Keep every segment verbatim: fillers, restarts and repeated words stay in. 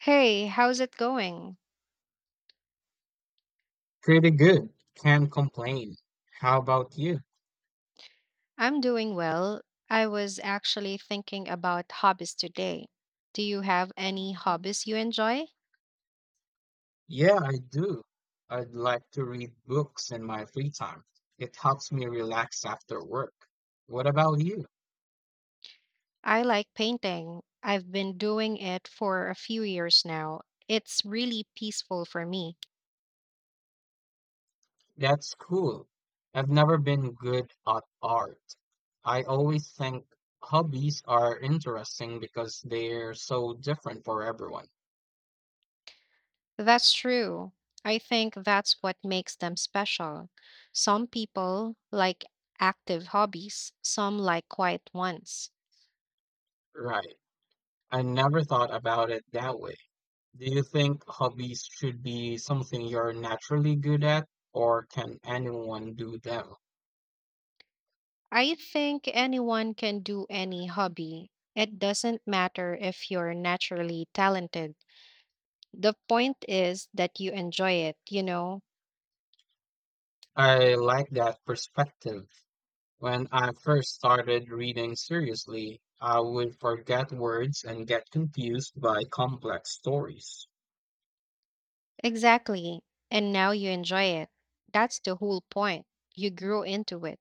Hey, how's it going? Pretty good. Can't complain. How about you? I'm doing well. I was actually thinking about hobbies today. Do you have any hobbies you enjoy? Yeah, I do. I'd like to read books in my free time. It helps me relax after work. What about you? I like painting. I've been doing it for a few years now. It's really peaceful for me. That's cool. I've never been good at art. I always think hobbies are interesting because they're so different for everyone. That's true. I think that's what makes them special. Some people like active hobbies, some like quiet ones. Right. I never thought about it that way. Do you think hobbies should be something you're naturally good at, or can anyone do them? I think anyone can do any hobby. It doesn't matter if you're naturally talented. The point is that you enjoy it, you know? I like that perspective. When I first started reading seriously, I would forget words and get confused by complex stories. Exactly. And now you enjoy it. That's the whole point. You grew into it.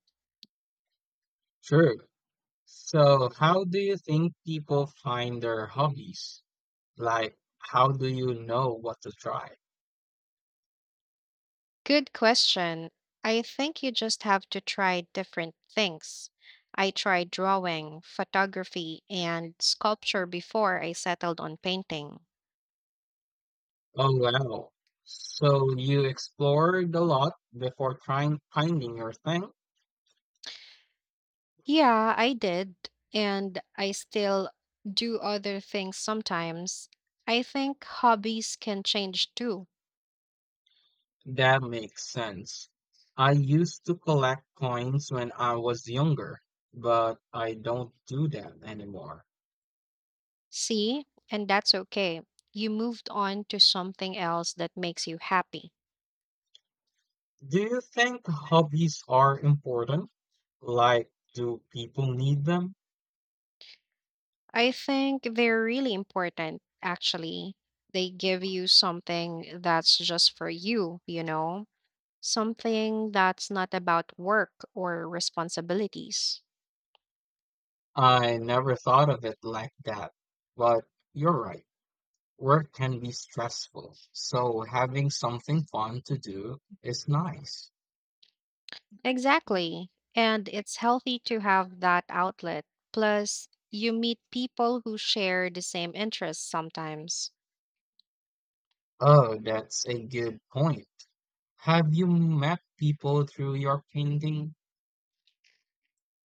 True. So, how do you think people find their hobbies? Like, how do you know what to try? Good question. I think you just have to try different things. I tried drawing, photography, and sculpture before I settled on painting. Oh, wow. So, you explored a lot before trying finding your thing? Yeah, I did. And I still do other things sometimes. I think hobbies can change too. That makes sense. I used to collect coins when I was younger, but I don't do that anymore. See? And that's okay. You moved on to something else that makes you happy. Do you think hobbies are important? Like, do people need them? I think they're really important, actually. They give you something that's just for you, you know? Something that's not about work or responsibilities. I never thought of it like that, but you're right. Work can be stressful, so having something fun to do is nice. Exactly. And it's healthy to have that outlet. Plus, you meet people who share the same interests sometimes. Oh, that's a good point. Have you met people through your painting?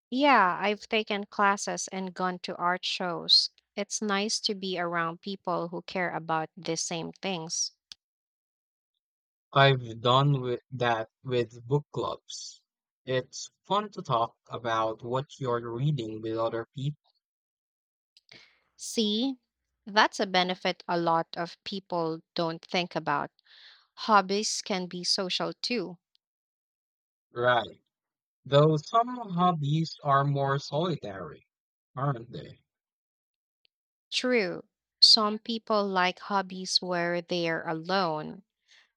Yeah, I've taken classes and gone to art shows. It's nice to be around people who care about the same things. I've done with that with book clubs. It's fun to talk about what you're reading with other people. See, that's a benefit a lot of people don't think about. Hobbies can be social too. Right. Though some hobbies are more solitary, aren't they? True. Some people like hobbies where they're alone,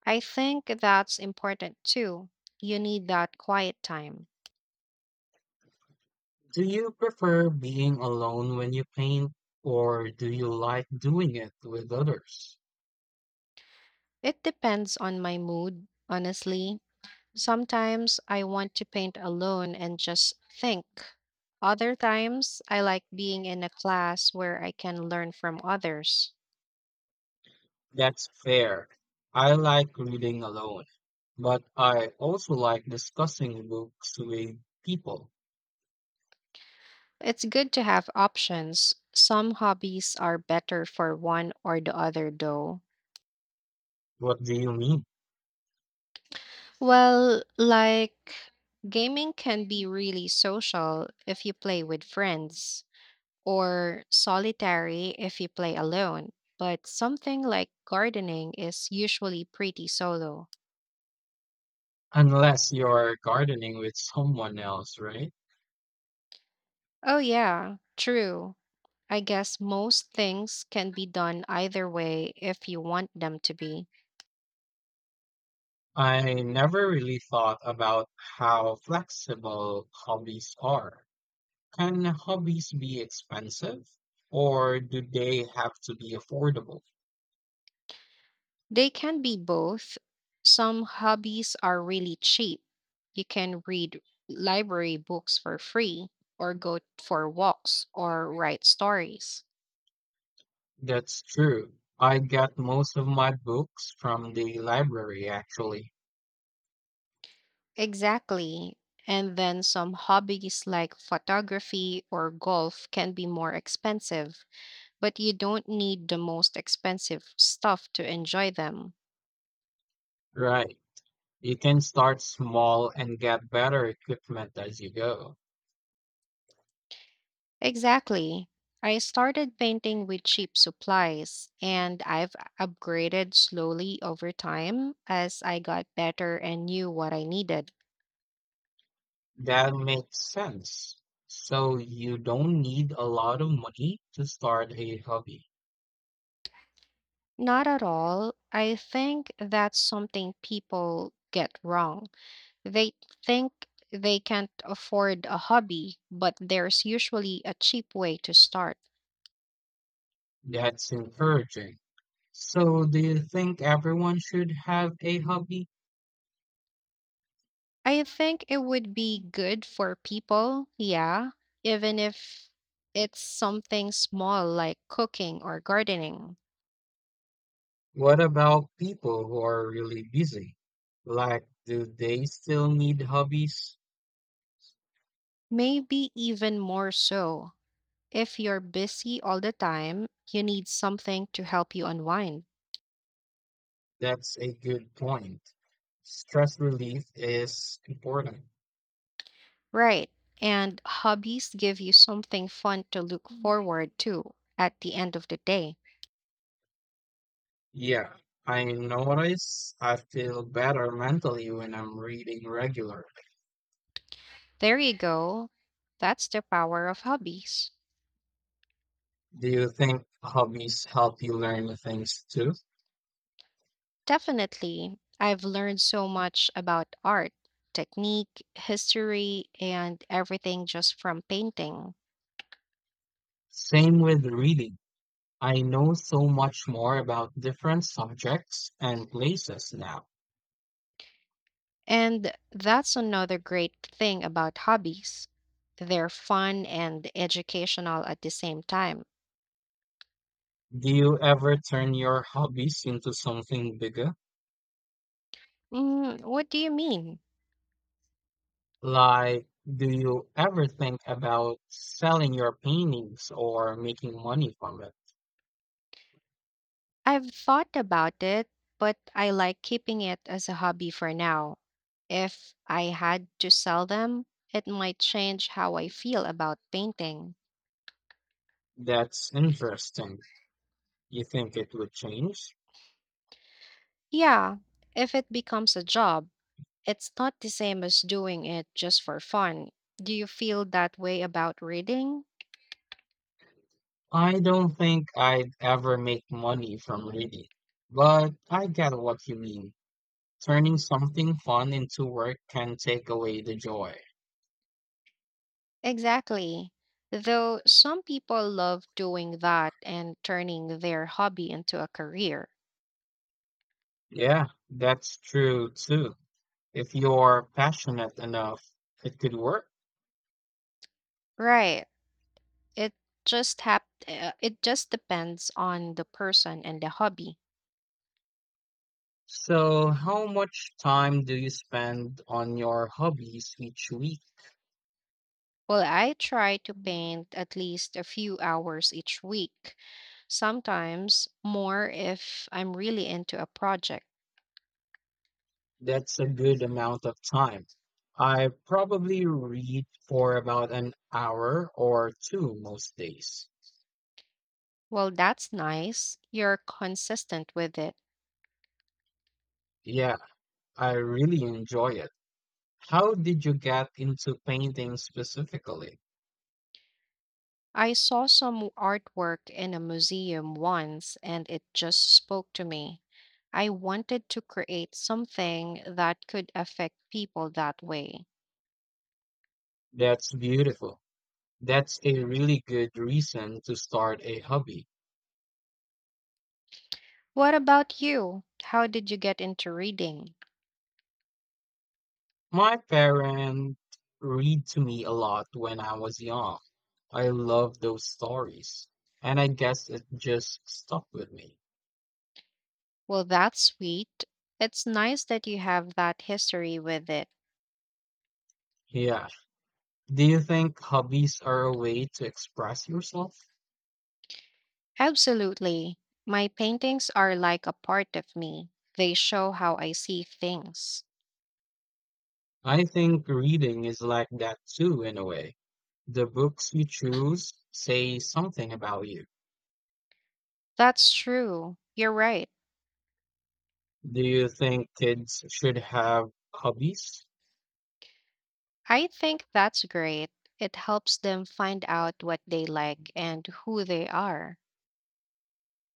I think that's important too. You need that quiet time. Do you prefer being alone when you paint, or do you like doing it with others? It depends on my mood, honestly. Sometimes I want to paint alone and just think. Other times, I like being in a class where I can learn from others. That's fair. I like reading alone, but I also like discussing books with people. It's good to have options. Some hobbies are better for one or the other, though. What do you mean? Well, like gaming can be really social if you play with friends, or solitary if you play alone, but something like gardening is usually pretty solo. Unless you're gardening with someone else, right? Oh, yeah, true. I guess most things can be done either way if you want them to be. I never really thought about how flexible hobbies are. Can hobbies be expensive or do they have to be affordable? They can be both. Some hobbies are really cheap. You can read library books for free, or go for walks, or write stories. That's true. I get most of my books from the library, actually. Exactly. And then some hobbies like photography or golf can be more expensive, but you don't need the most expensive stuff to enjoy them. Right. You can start small and get better equipment as you go. Exactly. I started painting with cheap supplies, and I've upgraded slowly over time as I got better and knew what I needed. That makes sense. So you don't need a lot of money to start a hobby. Not at all. I think that's something people get wrong. They think they can't afford a hobby, but there's usually a cheap way to start. That's encouraging. So do you think everyone should have a hobby? I think it would be good for people, yeah, even if it's something small like cooking or gardening. What about people who are really busy? Like, do they still need hobbies? Maybe even more so. If you're busy all the time, you need something to help you unwind. That's a good point. Stress relief is important. Right. And hobbies give you something fun to look forward to at the end of the day. Yeah, I notice I feel better mentally when I'm reading regularly. There you go. That's the power of hobbies. Do you think hobbies help you learn things too? Definitely. I've learned so much about art, technique, history, and everything just from painting. Same with reading. I know so much more about different subjects and places now. And that's another great thing about hobbies. They're fun and educational at the same time. Do you ever turn your hobbies into something bigger? Mm, what do you mean? Like, do you ever think about selling your paintings or making money from it? I've thought about it, but I like keeping it as a hobby for now. If I had to sell them, it might change how I feel about painting. That's interesting. You think it would change? Yeah, if it becomes a job, it's not the same as doing it just for fun. Do you feel that way about reading? I don't think I'd ever make money from reading, but I get what you mean. Turning something fun into work can take away the joy. Exactly. Though some people love doing that and turning their hobby into a career. Yeah, that's true too. If you're passionate enough, it could work. Right. It just hap- uh, it just depends on the person and the hobby. So, how much time do you spend on your hobbies each week? Well, I try to paint at least a few hours each week, sometimes more if I'm really into a project. That's a good amount of time. I probably read for about an hour or two most days. Well, that's nice. You're consistent with it. Yeah, I really enjoy it. How did you get into painting specifically? I saw some artwork in a museum once and it just spoke to me. I wanted to create something that could affect people that way. That's beautiful. That's a really good reason to start a hobby. What about you? How did you get into reading? My parents read to me a lot when I was young. I love those stories. And I guess it just stuck with me. Well, that's sweet. It's nice that you have that history with it. Yeah. Do you think hobbies are a way to express yourself? Absolutely. My paintings are like a part of me, they show how I see things. I think reading is like that too, in a way. The books you choose say something about you. That's true. You're right. Do you think kids should have hobbies? I think that's great. It helps them find out what they like and who they are.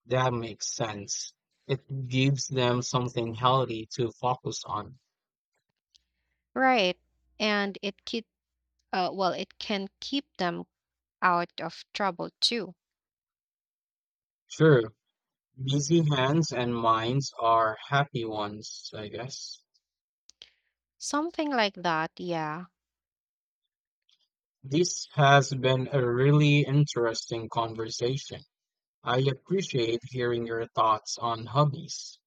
That makes sense. It gives them something healthy to focus on. Right. And it keep, uh, well, it can keep them out of trouble too. Sure, busy hands and minds are happy ones, I guess. Something like that, yeah. This has been a really interesting conversation. I appreciate hearing your thoughts on hobbies.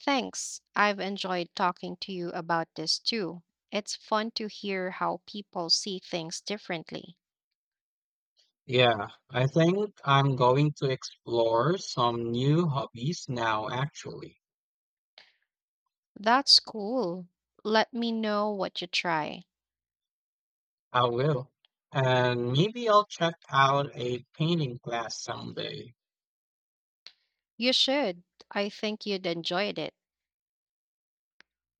Thanks. I've enjoyed talking to you about this too. It's fun to hear how people see things differently. Yeah, I think I'm going to explore some new hobbies now, actually. That's cool. Let me know what you try. I will. And maybe I'll check out a painting class someday. You should. I think you'd enjoyed it.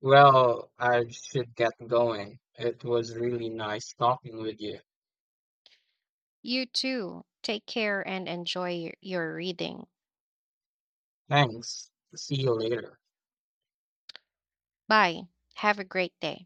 Well, I should get going. It was really nice talking with you. You too. Take care and enjoy your your reading. Thanks. See you later. Bye. Have a great day.